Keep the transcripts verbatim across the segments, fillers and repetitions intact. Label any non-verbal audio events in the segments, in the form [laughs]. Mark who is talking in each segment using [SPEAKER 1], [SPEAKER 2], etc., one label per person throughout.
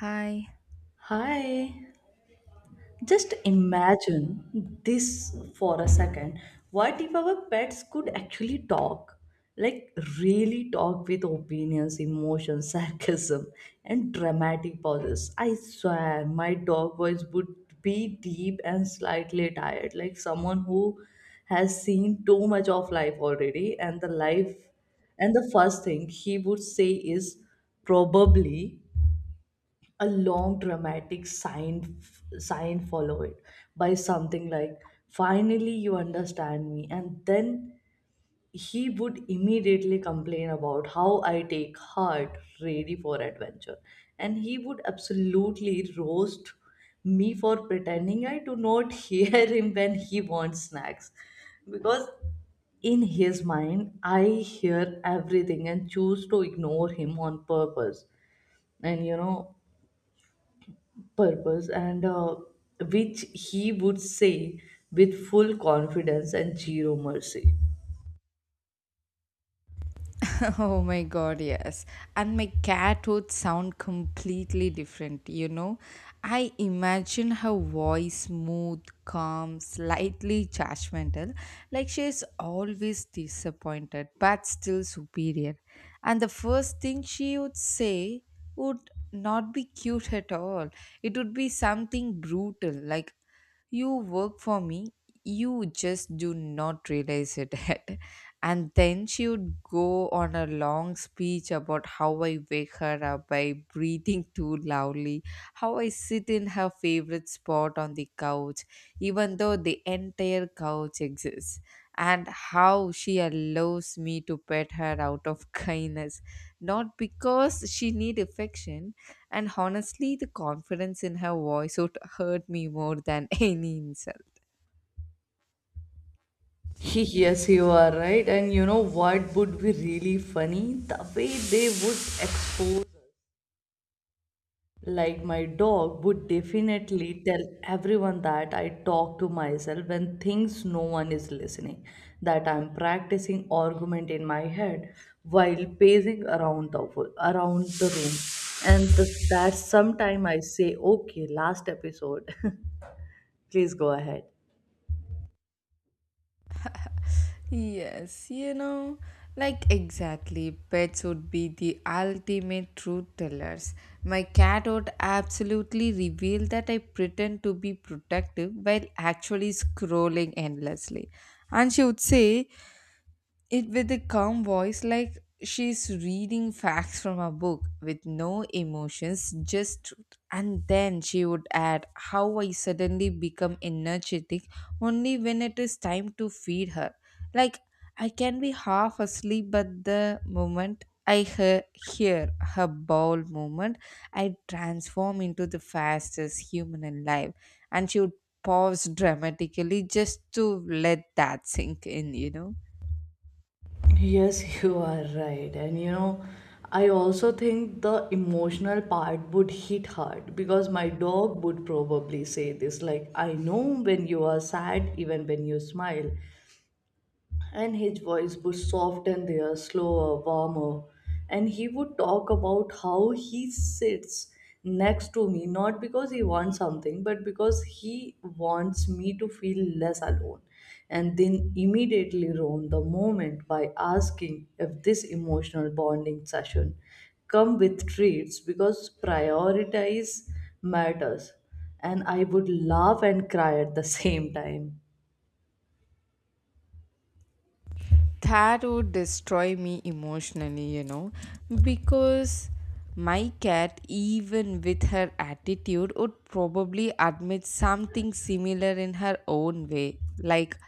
[SPEAKER 1] Hi.
[SPEAKER 2] Hi. Just imagine this for a second. What if our pets could actually talk? Like, really talk with opinions, emotions, [laughs] sarcasm, and dramatic pauses. I swear, my dog voice would be deep and slightly tired, like someone who has seen too much of life already. And the life, and the first thing he would say is probably a long dramatic sign sign Follow it by something like, finally you understand me. And then he would immediately complain about how I take heart, ready for adventure. And he would absolutely roast me for pretending I do not [laughs] hear him when he wants snacks, because in his mind I hear everything and choose to ignore him on purpose, and you know purpose and uh, which he would say with full confidence and zero mercy. [laughs]
[SPEAKER 1] [laughs] Oh my god, yes. And my cat would sound completely different, you know? I imagine her voice smooth, calm, slightly judgmental, like she is always disappointed but still superior. And the first thing she would say would not be cute at all. It would be something brutal, like, you work for me, you just do not realize it. [laughs] And then she would go on a long speech about how I wake her up by [laughs] breathing too loudly, how I sit in her favorite spot on the couch, even though the entire couch exists, and how she allows me to pet her out of [laughs] kindness, not because she need affection. And honestly, the confidence in her voice would hurt me more than [laughs] any insult.
[SPEAKER 2] Yes, you are right. And you know what would be really funny? The way they would expose us. Like, my dog would definitely tell everyone that I talk to myself when thinks no one is listening, that I'm practicing argument in my head while pacing around the wo- around the room, and the, that sometime I say, "Okay, last episode, [laughs] please go ahead."
[SPEAKER 1] Yes, you know, like exactly, pets would be the ultimate truth tellers. My cat would absolutely reveal that I pretend to be protective while actually scrolling endlessly. And she would say it with a calm voice, like she's reading facts from a book with no emotions, just truth. And then she would add how I suddenly become energetic only when it is time to feed her. Like, I can be half asleep, but the moment I hear, hear her bowel movement, I transform into the fastest human alive. And she would pause dramatically just to let that sink in, you know.
[SPEAKER 2] Yes, [laughs] you are right. And you know, I also think the emotional part would hit hard because my dog would probably say this, like, I know when you are sad, even when you smile. And his voice would soften there, slower, warmer. And he would talk about how he sits next to me, not because he wants something, but because he wants me to feel less alone. And then immediately ruin the moment by asking if this emotional bonding session come with treats, because prioritize matters. And I would laugh and cry at the same time.
[SPEAKER 1] That would destroy me emotionally, you know, because my cat, even with her attitude, would probably admit something similar in her own way. Like,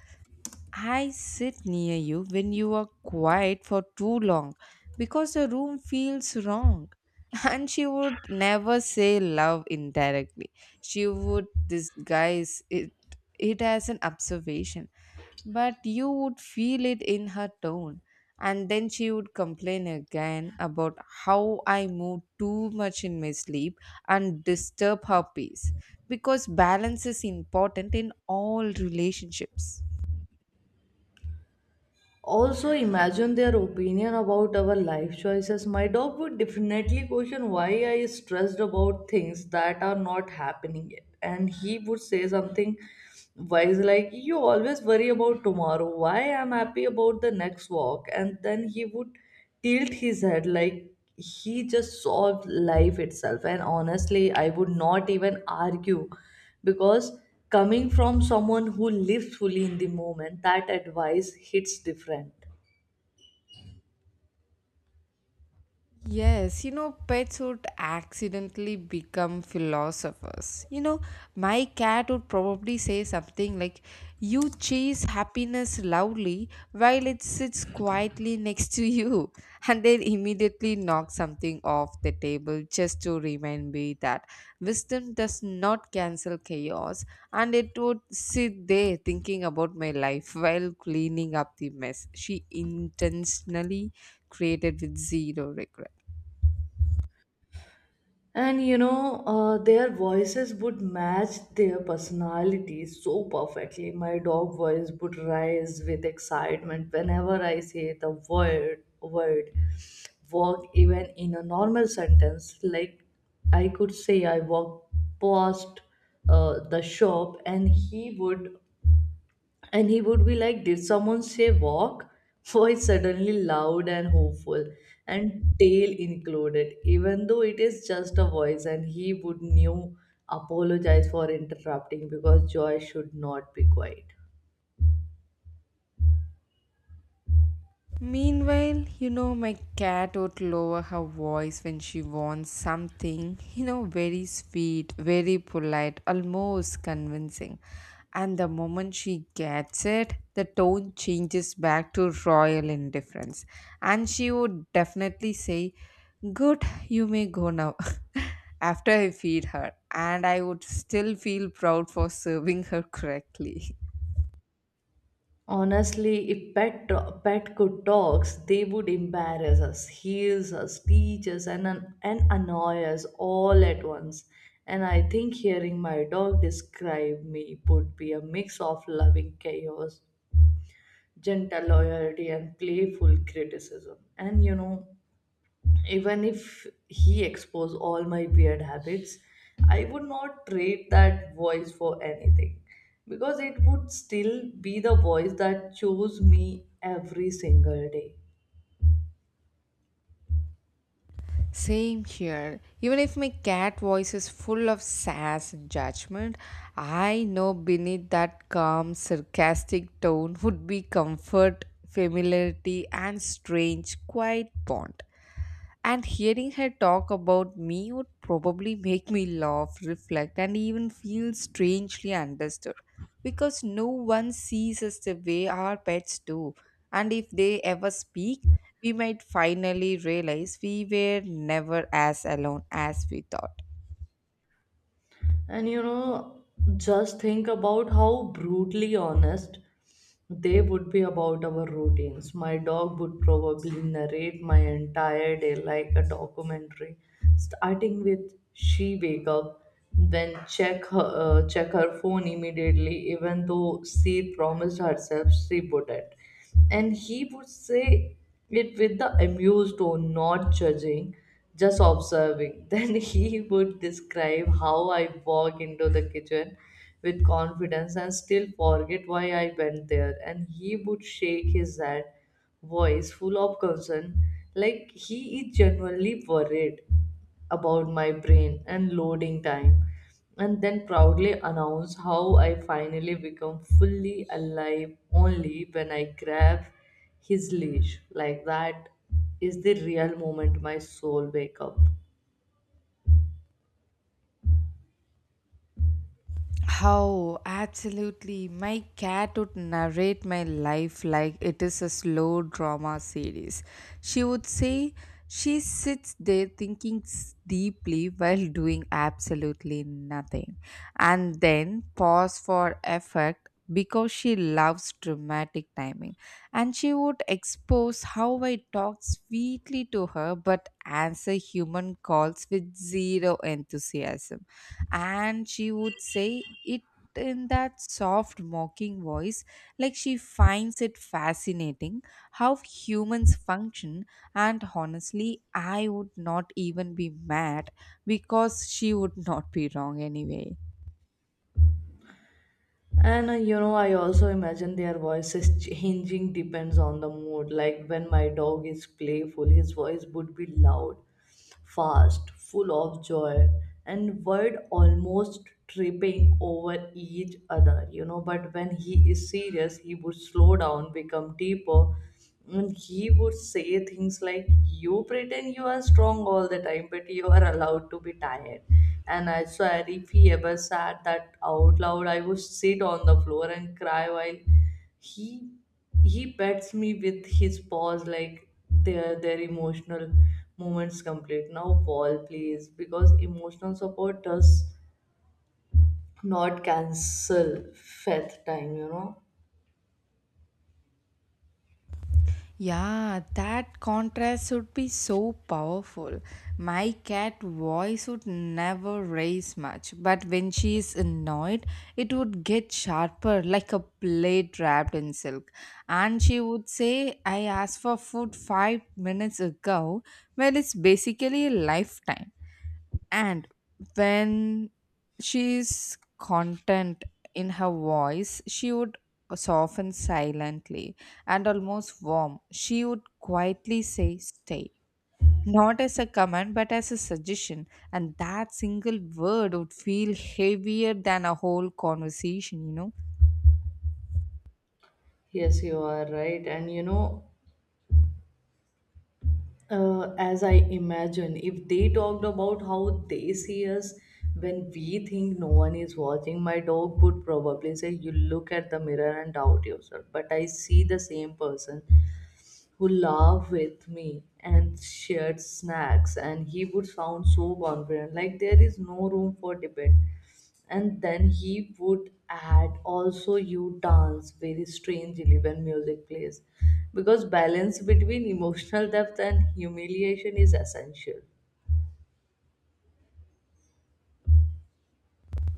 [SPEAKER 1] I sit near you when you are quiet for too long because the room feels wrong. [laughs] And she would never say love indirectly. She would disguise it it as an observation. But you would feel it in her tone. And then she would complain again about how I move too much in my sleep and disturb her peace. Because balance is important in all relationships.
[SPEAKER 2] Also, imagine their opinion about our life choices. My dog would definitely question why I stressed about things that are not happening yet. And he would say something wise, like, you always worry about tomorrow. Why am happy about the next walk? And then he would tilt his head like he just solved life itself. And honestly, I would not even argue, because coming from someone who lives fully in the moment, that advice hits different.
[SPEAKER 1] Yes, you know, pets would accidentally become philosophers. You know, my cat would probably say something like, you chase happiness loudly while it sits quietly next to you, [laughs] and then immediately knock something off the table just to remind me that wisdom does not cancel chaos. And it would sit there thinking about my life while cleaning up the mess she intentionally created with zero regret.
[SPEAKER 2] And you know uh, their voices would match their personality so perfectly. My dog voice would rise with excitement whenever I say the word word walk, even in a normal sentence. Like, I could say, I walk past uh, the shop, and he would and he would be like, did someone say walk? [laughs] Voice suddenly loud and hopeful, and tail included, even though it is just a voice. And he would knew apologize for interrupting, because joy should not be quiet.
[SPEAKER 1] Meanwhile, you know, my cat would lower her voice when she wants something, you know, very sweet, very polite, almost convincing. And the moment she gets it, the tone changes back to royal indifference. And she would definitely say, good, you may go now. [laughs] After I feed her, and I would still feel proud for serving her correctly. [laughs]
[SPEAKER 2] Honestly, if pet pet could talks, they would embarrass us, heals us, teach us, and an- and annoy us all at once. And I think hearing my dog describe me would be a mix of loving chaos, gentle loyalty, and playful criticism. And you know, even if he exposed all my weird habits, I would not trade that voice for anything, because it would still be the voice that chose me every single day.
[SPEAKER 1] Same here. Even if my cat voice is full of sass and judgment, I know beneath that calm, sarcastic tone would be comfort, familiarity, and strange, quiet bond. And hearing her talk about me would probably make me laugh, reflect, and even feel strangely understood because no one sees us the way our pets do. And if they ever speak, we might finally realize we were never as alone as we thought.
[SPEAKER 2] And you know, just think about how brutally honest they would be about our routines. My dog would probably narrate my entire day like a documentary, starting with, she wake up, then check her uh, check her phone immediately, even though she promised herself she wouldn't. And he would say it with the amused tone, not judging, just observing. [laughs] Then he would describe how I walk into the kitchen with confidence and still forget why I went there. And he would shake his head, voice full of concern, like he is genuinely worried about my brain and loading time. And then proudly announce how I finally become fully alive only when I grab his leash, like that is the real moment my soul wake up.
[SPEAKER 1] How absolutely my cat would narrate my life like it is a slow drama series. She would say she sits there thinking s- deeply while doing absolutely nothing, and then pause for effect because she loves dramatic timing. And she would expose how I talk sweetly to her but answer human calls with zero enthusiasm. And she would say it in that soft mocking voice, like she finds it fascinating how humans function. And honestly, I would not even be mad because she would not be wrong anyway.
[SPEAKER 2] And uh, you know i also imagine their voices [laughs] changing depends on the mood. Like, when my dog is playful, his voice would be loud, fast, full of joy, and word almost tripping over each other, you know but when he is serious, he would slow down, become deeper. And he would say things like, you pretend you are strong all the time, but you are allowed to be tired. And I swear, if he ever said that out loud, I would sit on the floor and cry while he he pets me with his paws. Like, their their emotional moments complete now paul please, because emotional support does not cancel faith time you know
[SPEAKER 1] Yeah, that contrast would be so powerful. My cat voice would never raise much, but when she is annoyed, it would get sharper, like a blade wrapped in silk. And she would say, I asked for food five minutes ago, well, it's basically a lifetime. And when she's content in her voice, she would soften silently and almost warm. She would quietly say, stay, not as a command but as a suggestion. And that single word would feel heavier than a whole conversation, you know.
[SPEAKER 2] Yes, you are right. And you know uh, as I imagine, if they talked about how they see us when we think no one is watching, my dog would probably say, you look at the mirror and doubt yourself. But I see the same person who laughed with me and shared snacks. And he would sound so confident, like there is no room for debate. And then he would add, also, you dance very strangely when music plays, because balance between emotional depth and humiliation is essential.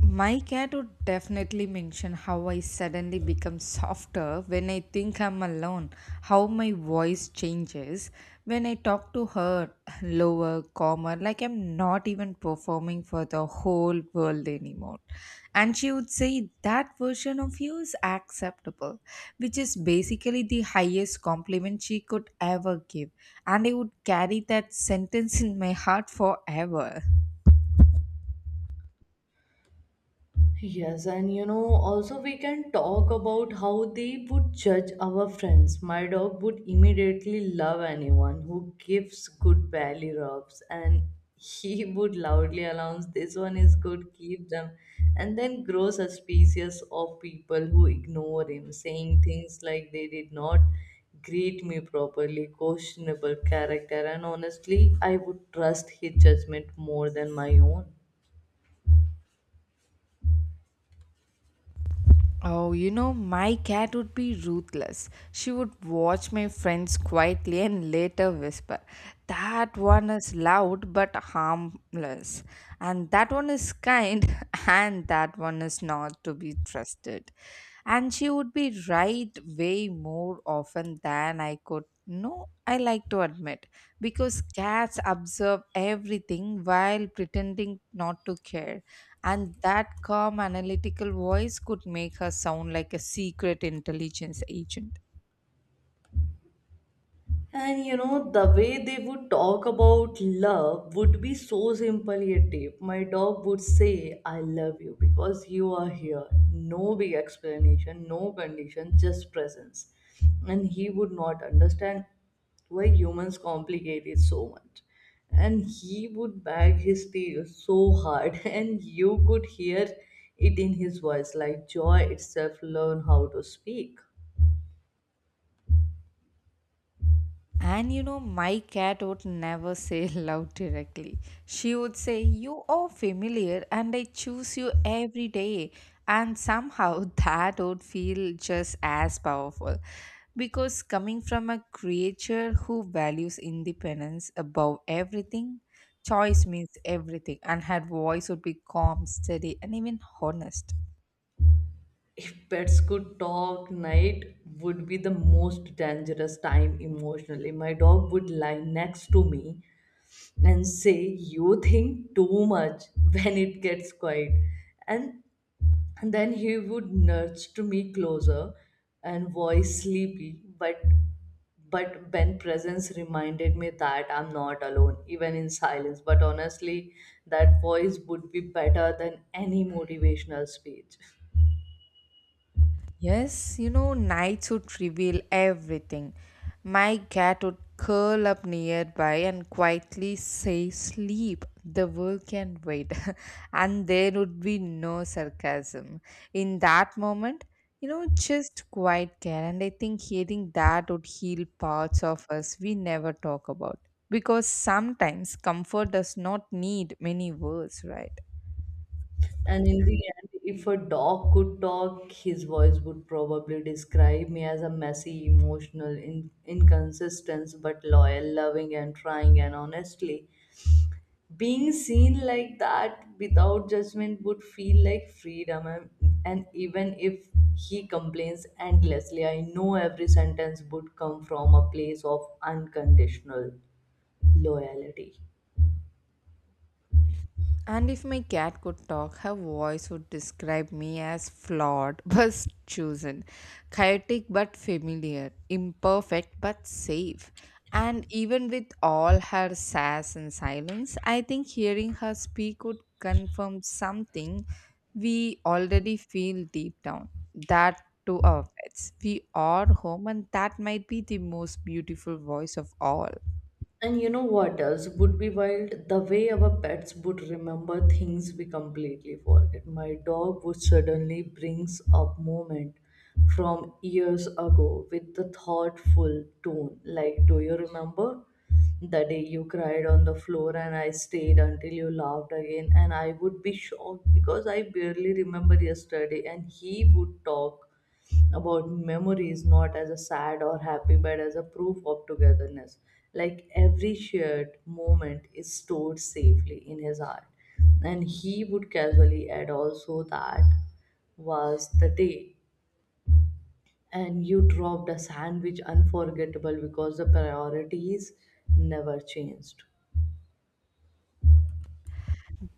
[SPEAKER 1] My cat would definitely mention how I suddenly become softer when I think I'm alone, how my voice changes when I talk to her, lower, calmer, like I'm not even performing for the whole world anymore. And she would say, that version of you is acceptable, which is basically the highest compliment she could ever give. And I would carry that sentence in my heart forever.
[SPEAKER 2] Yes, and you know, also we can talk about how they would judge our friends. My dog would immediately love anyone who gives good belly rubs, and he [laughs] would loudly announce, this one is good, keep them, and then grow suspicious of people who ignore him, saying things like, they did not greet me properly, questionable character. And honestly, I would trust his judgment more than my own.
[SPEAKER 1] Oh, you know, my cat would be ruthless. She would watch my friends quietly and later whisper, that one is loud but harmless, and that one is kind, [laughs] and that one is not to be trusted. And she would be right way more often than I could, no, I like to admit, because cats observe everything while pretending not to care, and that calm analytical voice could make her sound like a secret intelligence agent.
[SPEAKER 2] And you know, the way they would talk about love would be so simple yet deep. My dog would say, I love you because you are here. No big explanation, no condition, just presence. And he would not understand why humans complicate it so much. And he would bag his tail so hard, [laughs] and you could hear it in his voice, like joy itself learn how to speak.
[SPEAKER 1] And you know, my cat would never say [laughs] love directly. She would say, you are familiar and I choose you every day. And somehow [laughs] that would feel just as powerful. Because coming from a creature who values independence above everything, choice means everything. And her voice would be calm, steady, and even honest.
[SPEAKER 2] If pets could talk, night would be the most dangerous time emotionally. My dog would lie next to me and say, you think too much [laughs] when it gets quiet. And, and then he would nudge to me closer, and voice sleepy, but but Ben presence reminded me that I'm not alone, even in silence. But honestly, that voice would be better than any motivational speech.
[SPEAKER 1] Yes, you know, nights would reveal everything. My cat would curl up nearby and quietly say, sleep, the world can wait. [laughs] And there would be no sarcasm. In that moment, you know, just quiet care. And I think hearing that would heal parts of us we never talk about. Because sometimes comfort does not need many words, right?
[SPEAKER 2] And in the end, if a dog could talk, his voice would probably describe me as a messy, emotional, in- inconsistent, but loyal, loving, and trying. And honestly, being seen like that without judgment would feel like freedom. And, and even if he complains endlessly, I know every sentence would come from a place of unconditional loyalty.
[SPEAKER 1] And if my cat could talk, her voice would describe me as flawed [laughs] but chosen, chaotic but familiar, imperfect but safe. And even with all her sass and silence, I think hearing her speak would confirm something we already feel deep down, that to our pets, we are home, and that might be the most beautiful voice of all.
[SPEAKER 2] And you know what else would be wild? The way our pets would remember things we completely forget. My dog would suddenly brings up moment from years ago with the thoughtful tone, like, do you remember the day you cried on the floor and I stayed until you laughed again? And I would be shocked because I barely remember yesterday, and he would talk about memories not as a sad or happy, but as a proof of togetherness, like every shared moment is stored safely in his heart. And he would casually add, also, that was the day and you dropped a sandwich, unforgettable, because the priorities never changed.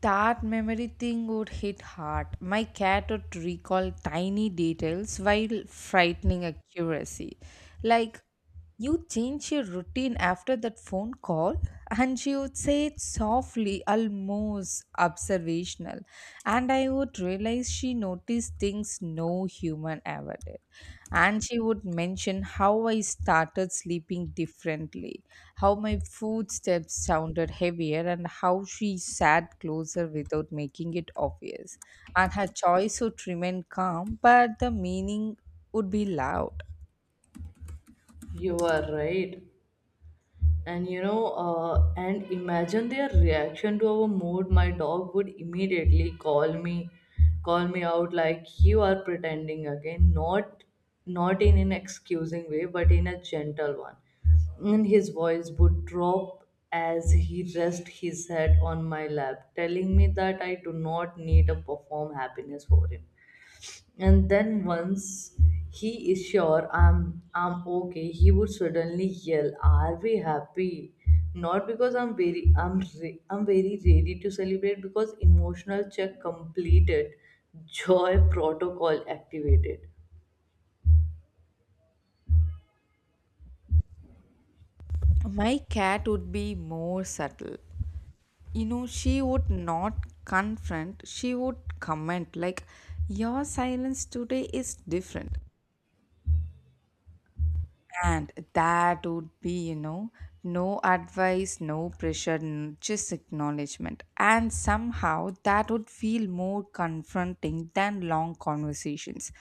[SPEAKER 1] That memory thing would hit hard. My cat would recall tiny details while frightening accuracy. Like, you change your routine after that phone call? And she would say it softly, almost observational. And I would realize she noticed these things no human ever did. And she would mention how I started sleeping differently, how my footsteps sounded heavier, and how she sat closer without making it obvious. And her choice would remain calm, but the meaning would be loud.
[SPEAKER 2] You are right. And you know uh, and imagine their reaction to our mood. My dog would immediately call me call me out, like, you are pretending again, not not in an excusing way, but in a gentle one. And his voice would drop as he rest his head on my lap, telling me that I do not need to perform happiness for him. And then once he is sure I'm I'm okay, he would suddenly yell, are we happy? Not because I'm very I'm re- I'm very ready to celebrate, because emotional check completed, joy protocol activated.
[SPEAKER 1] My cat would be more subtle. You know, she would not confront, she would comment like, your silence today is different. And that would be, you know, no advice, no pressure, n- just acknowledgement. And somehow that would feel more confronting than long conversations.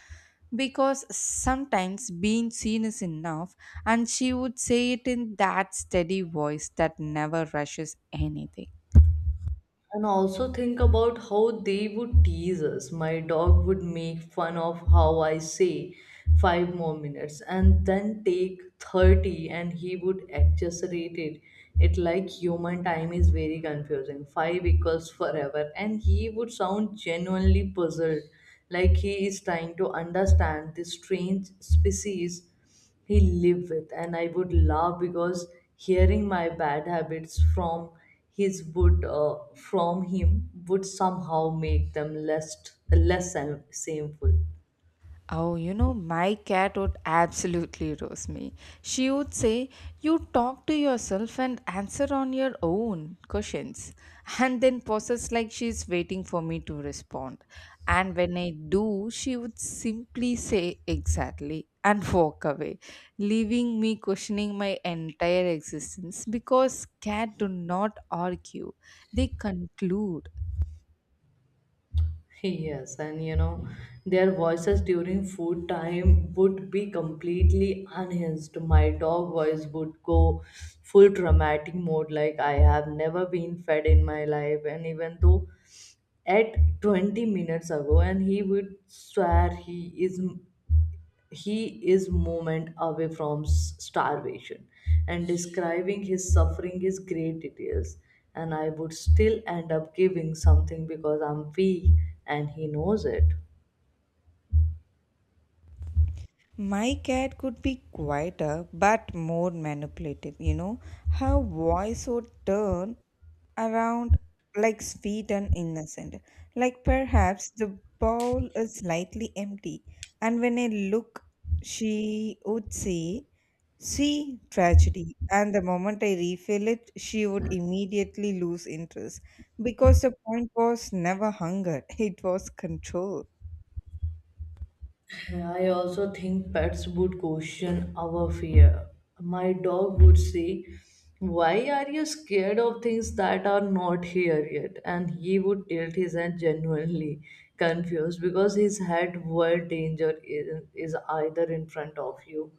[SPEAKER 1] Because sometimes being seen is enough, and she would say it in that steady voice that never rushes anything.
[SPEAKER 2] And also think about how they would tease us. My dog would make fun of how I say, five more minutes, and then take thirty, and he would exaggerate it. It like human time is very confusing. Five equals forever. And he would sound genuinely puzzled, like he is trying to understand this strange species he lived with. And I would laugh because hearing my bad habits from his would uh, from him would somehow make them less less shame- shameful
[SPEAKER 1] Oh, you know, my cat would absolutely roast me. She would say, you talk to yourself and answer on your own questions, and then pauses like she's waiting for me to respond. And when I do, she would simply say, exactly, and [laughs] walk away, leaving me questioning my entire existence because cats do not argue, they conclude.
[SPEAKER 2] Yes, and you know, their voices during food time would be completely unhinged. My dog voice would go full dramatic mode, like, I have never been fed in my life. And even though at twenty minutes ago, and he would swear he is he is moment away from s- starvation, and describing his suffering is great details, and I would still end up giving something because I'm weak and he knows it.
[SPEAKER 1] My cat could be quieter but more manipulative, you know. Her voice would turn around, like sweet and innocent, like, perhaps the bowl is slightly empty. And when I look, she would say, see, tragedy. And the moment I refill it, she would immediately lose interest because the point was never hunger, [laughs] it was control.
[SPEAKER 2] I also think pets would question our fear. My dog would say, why are you scared of things that are not here yet? And he would tilt his head, genuinely confused, because his head world danger is, is either in front of you.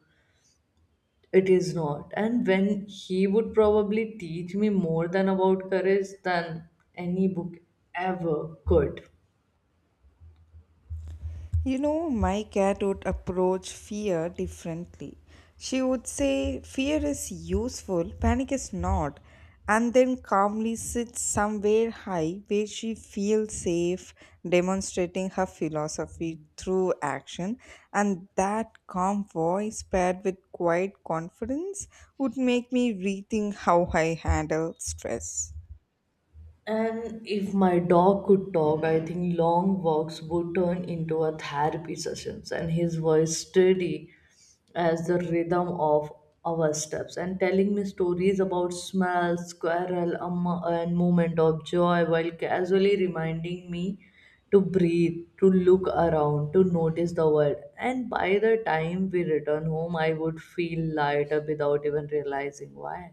[SPEAKER 2] It is not. And when he would probably teach me more than about courage than any book ever could.
[SPEAKER 1] You know, my cat would approach fear differently. She would say, fear is useful, panic is not, and then calmly sit somewhere high where she feels safe, demonstrating her philosophy through action. And that calm voice paired with quiet confidence would make me rethink how I handle stress.
[SPEAKER 2] And if my dog could talk, I think long walks would turn into a therapy sessions, and his voice steady as the rhythm of our steps and telling me stories about smells, squirrel, a mo- and moment of joy, while casually reminding me to breathe, to look around, to notice the world. And by the time we return home, I would feel lighter without even realizing why.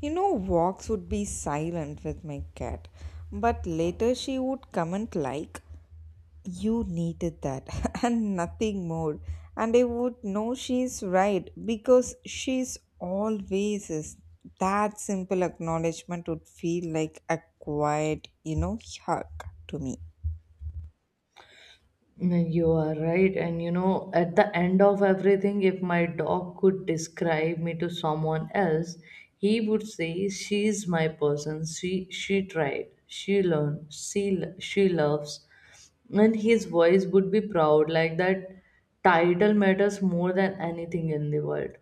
[SPEAKER 1] You know, walks would be silent with my cat, but later she would comment like, you needed that, [laughs] and nothing more. And I would know she's right because she's always is. That simple acknowledgement would feel like a quiet, you know, hug to me.
[SPEAKER 2] No, you are right. And you know, at the end of everything, if my dog could describe me to someone else, he would say, she's my person. She she tried. She learned. She lo- she loves. And his voice would be proud, like that title matters more than anything in the world.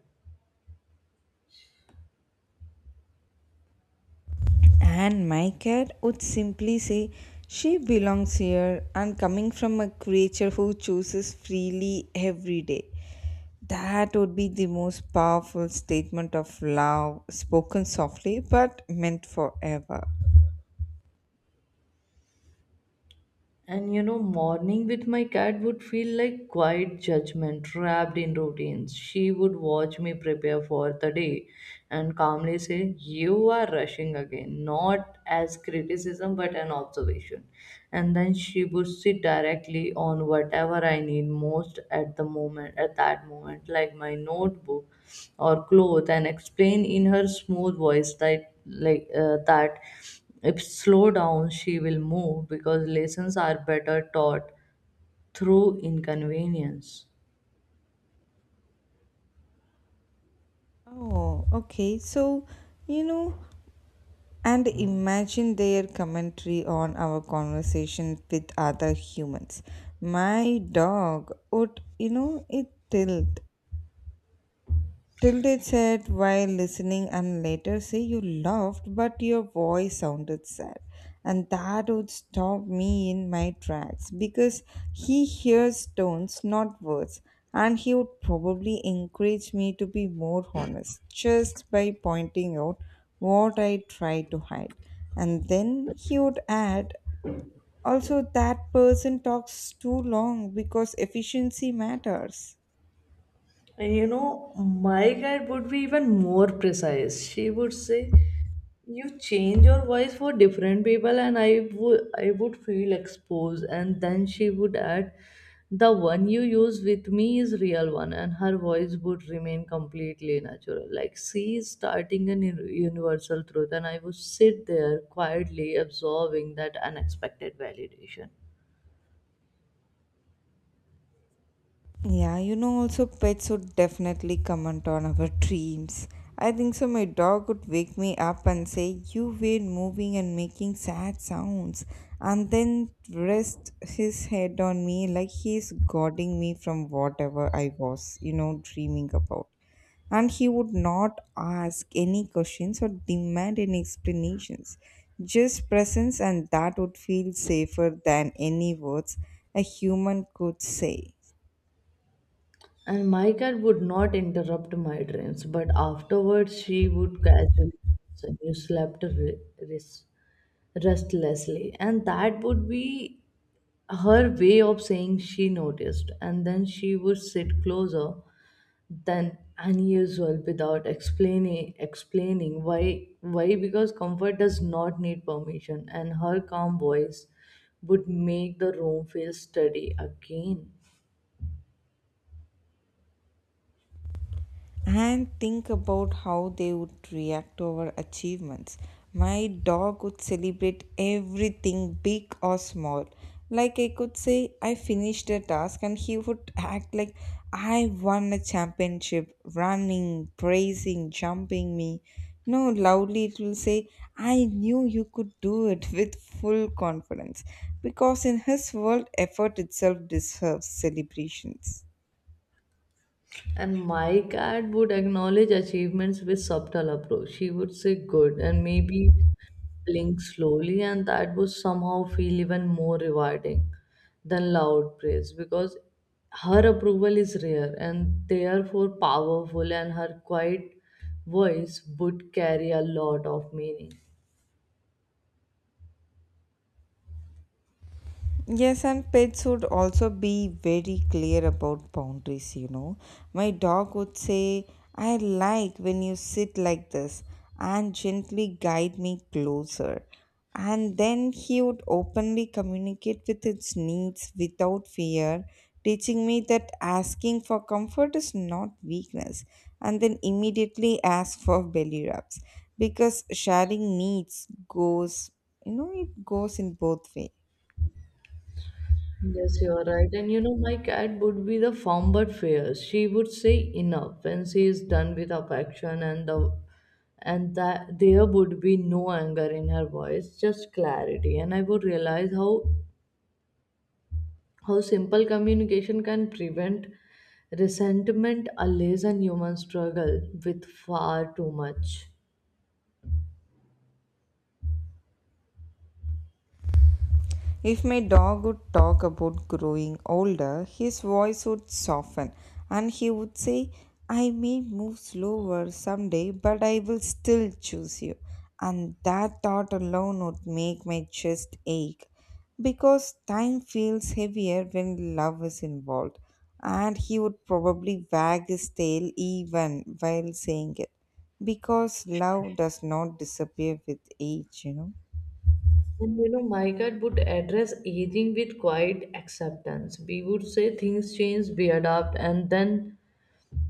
[SPEAKER 1] And my cat would simply say, she belongs here, and coming from a creature who chooses freely every day. That would be the most powerful statement of love, spoken softly but meant forever.
[SPEAKER 2] And you know, morning with my cat would feel like quiet judgment wrapped in routines. She would watch me prepare for the day and calmly say, you are rushing again, not as criticism but an observation. And then she would sit directly on whatever I need most at the moment, at that moment, like my notebook or clothes, and explain in her smooth voice that, like, uh, that if slow down, she will move because lessons are better taught through inconvenience.
[SPEAKER 1] Oh, okay. So, you know, and imagine their commentary on our conversation with other humans. My dog would, you know, it tilt Tilde said while listening and later say, you laughed but your voice sounded sad. And that would stop me in my tracks because he hears tones, not words. And he would probably encourage me to be more honest just by pointing out what I try to hide. And then he would add, also that person talks too long because efficiency matters.
[SPEAKER 2] And you know, my guide would be even more precise. She would say, you change your voice for different people, and I would I would feel exposed. And then she would add, the one you use with me is real one. And her voice would remain completely natural, like she is starting an un- universal truth, and I would sit there quietly absorbing that unexpected validation.
[SPEAKER 1] Yeah, you know, also pets would definitely comment on our dreams. I think so. My dog would wake me up and say, you were moving and making sad sounds, and then rest his head on me like he's guarding me from whatever I was, you know, dreaming about. And he would not ask any questions or demand any explanations, just presence, and that would feel safer than any words a human could say.
[SPEAKER 2] And my cat would not interrupt my dreams, but afterwards she would casually and you slept re- res- restlessly. And that would be her way of saying she noticed. And then she would sit closer than unusual without explaining explaining why why because comfort does not need permission, and her calm voice would make the room feel steady again.
[SPEAKER 1] And think about how they would react to our achievements. My dog would celebrate everything, big or small. Like, I could say, I finished a task, and he would act like I won a championship, running, praising, jumping me. No, loudly it will say, I knew you could do it, [laughs] with full confidence. Because in his world, effort itself deserves celebrations.
[SPEAKER 2] And my cat would acknowledge achievements with subtle approach. She would say good and maybe blink slowly, and that would somehow feel even more rewarding than loud praise, because her approval is rare and therefore powerful, and her quiet voice would carry a lot of meaning.
[SPEAKER 1] Yes, and pets would also be very clear about boundaries, you know. My dog would say, I like when you sit like this, and gently guide me closer. And then he would openly communicate with its needs without fear, teaching me that asking for comfort is not weakness, and then immediately ask for belly rubs because sharing needs goes, you know, it goes in both ways.
[SPEAKER 2] Yes, you are right. And you know, my cat would be the firm but fair. She would say enough when she is done with affection and the and that there would be no anger in her voice, just clarity. And I would realize how how simple communication can prevent resentment, a and human struggle with far too much.
[SPEAKER 1] If my dog would talk about growing older, his voice would soften and he would say, I may move slower someday, but I will still choose you. And that thought alone would make my chest ache because time feels heavier when love is involved. And he would probably wag his tail even while saying it, because love does not disappear with age, you know.
[SPEAKER 2] And you know, my cat would address aging with quiet acceptance. We would say things change, we adapt, and then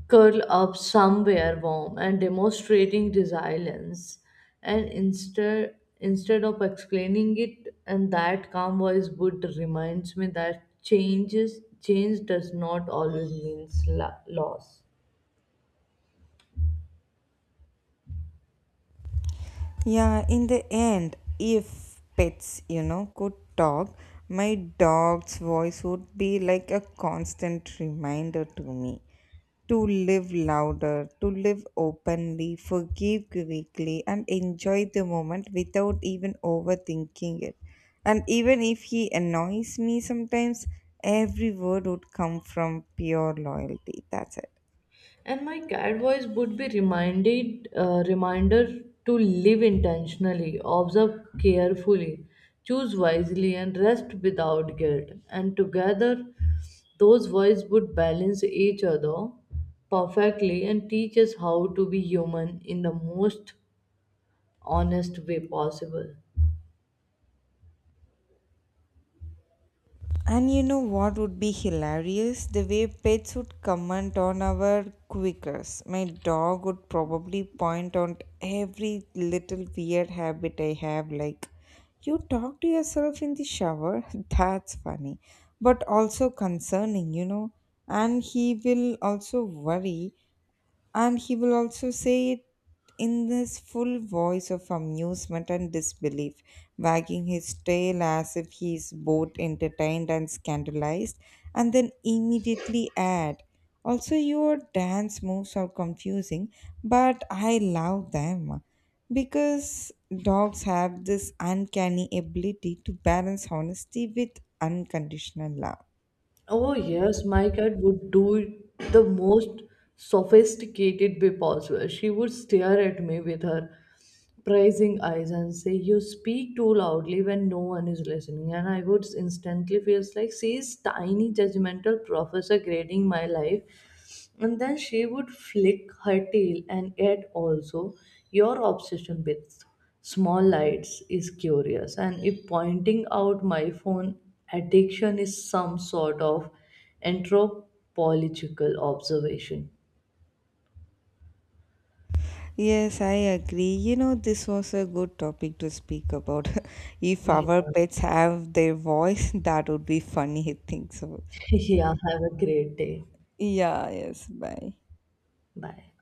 [SPEAKER 2] curl up somewhere warm and demonstrating resilience and instead instead of explaining it. And that calm voice would reminds me that changes change does not always means la- loss.
[SPEAKER 1] Yeah, in the end, if pets, you know, could talk, my dog's voice would be like a constant reminder to me to live louder, to live openly, forgive quickly, and enjoy the moment without even overthinking it. And even if he annoys me sometimes, every word would come from pure loyalty. That's it.
[SPEAKER 2] And my cat voice would be reminded uh, reminder to live intentionally, observe carefully, choose wisely, and rest without guilt. And together those voices would balance each other perfectly and teach us how to be human in the most honest way possible.
[SPEAKER 1] And you know what would be hilarious? The way pets would comment on our quirks. My dog would probably point out every little weird habit I have, like, you talk to yourself in the shower? [laughs] That's funny, but also concerning, you know. And he will also worry, and he will also say it in this full voice of amusement and disbelief, wagging his tail as if he is both entertained and scandalized, and then immediately add, also, your dance moves are confusing, but I love them, because dogs have this uncanny ability to balance honesty with unconditional love.
[SPEAKER 2] Oh yes, my cat would do the most sophisticated way possible. She would stare at me with her praising eyes and say, you speak too loudly when no one is listening. And I would instantly feel like she is tiny, judgmental professor grading my life. And then she would flick her tail, and yet also, your obsession with small lights is curious. And if pointing out my phone addiction is some sort of anthropological observation.
[SPEAKER 1] Yes, I agree. You know, this was a good topic to speak about. [laughs] If
[SPEAKER 2] Yeah.
[SPEAKER 1] our pets have their voice, [laughs] that would be funny, [laughs] I think so.
[SPEAKER 2] [laughs] Yeah, have a great day.
[SPEAKER 1] Yeah, yes, bye.
[SPEAKER 2] Bye.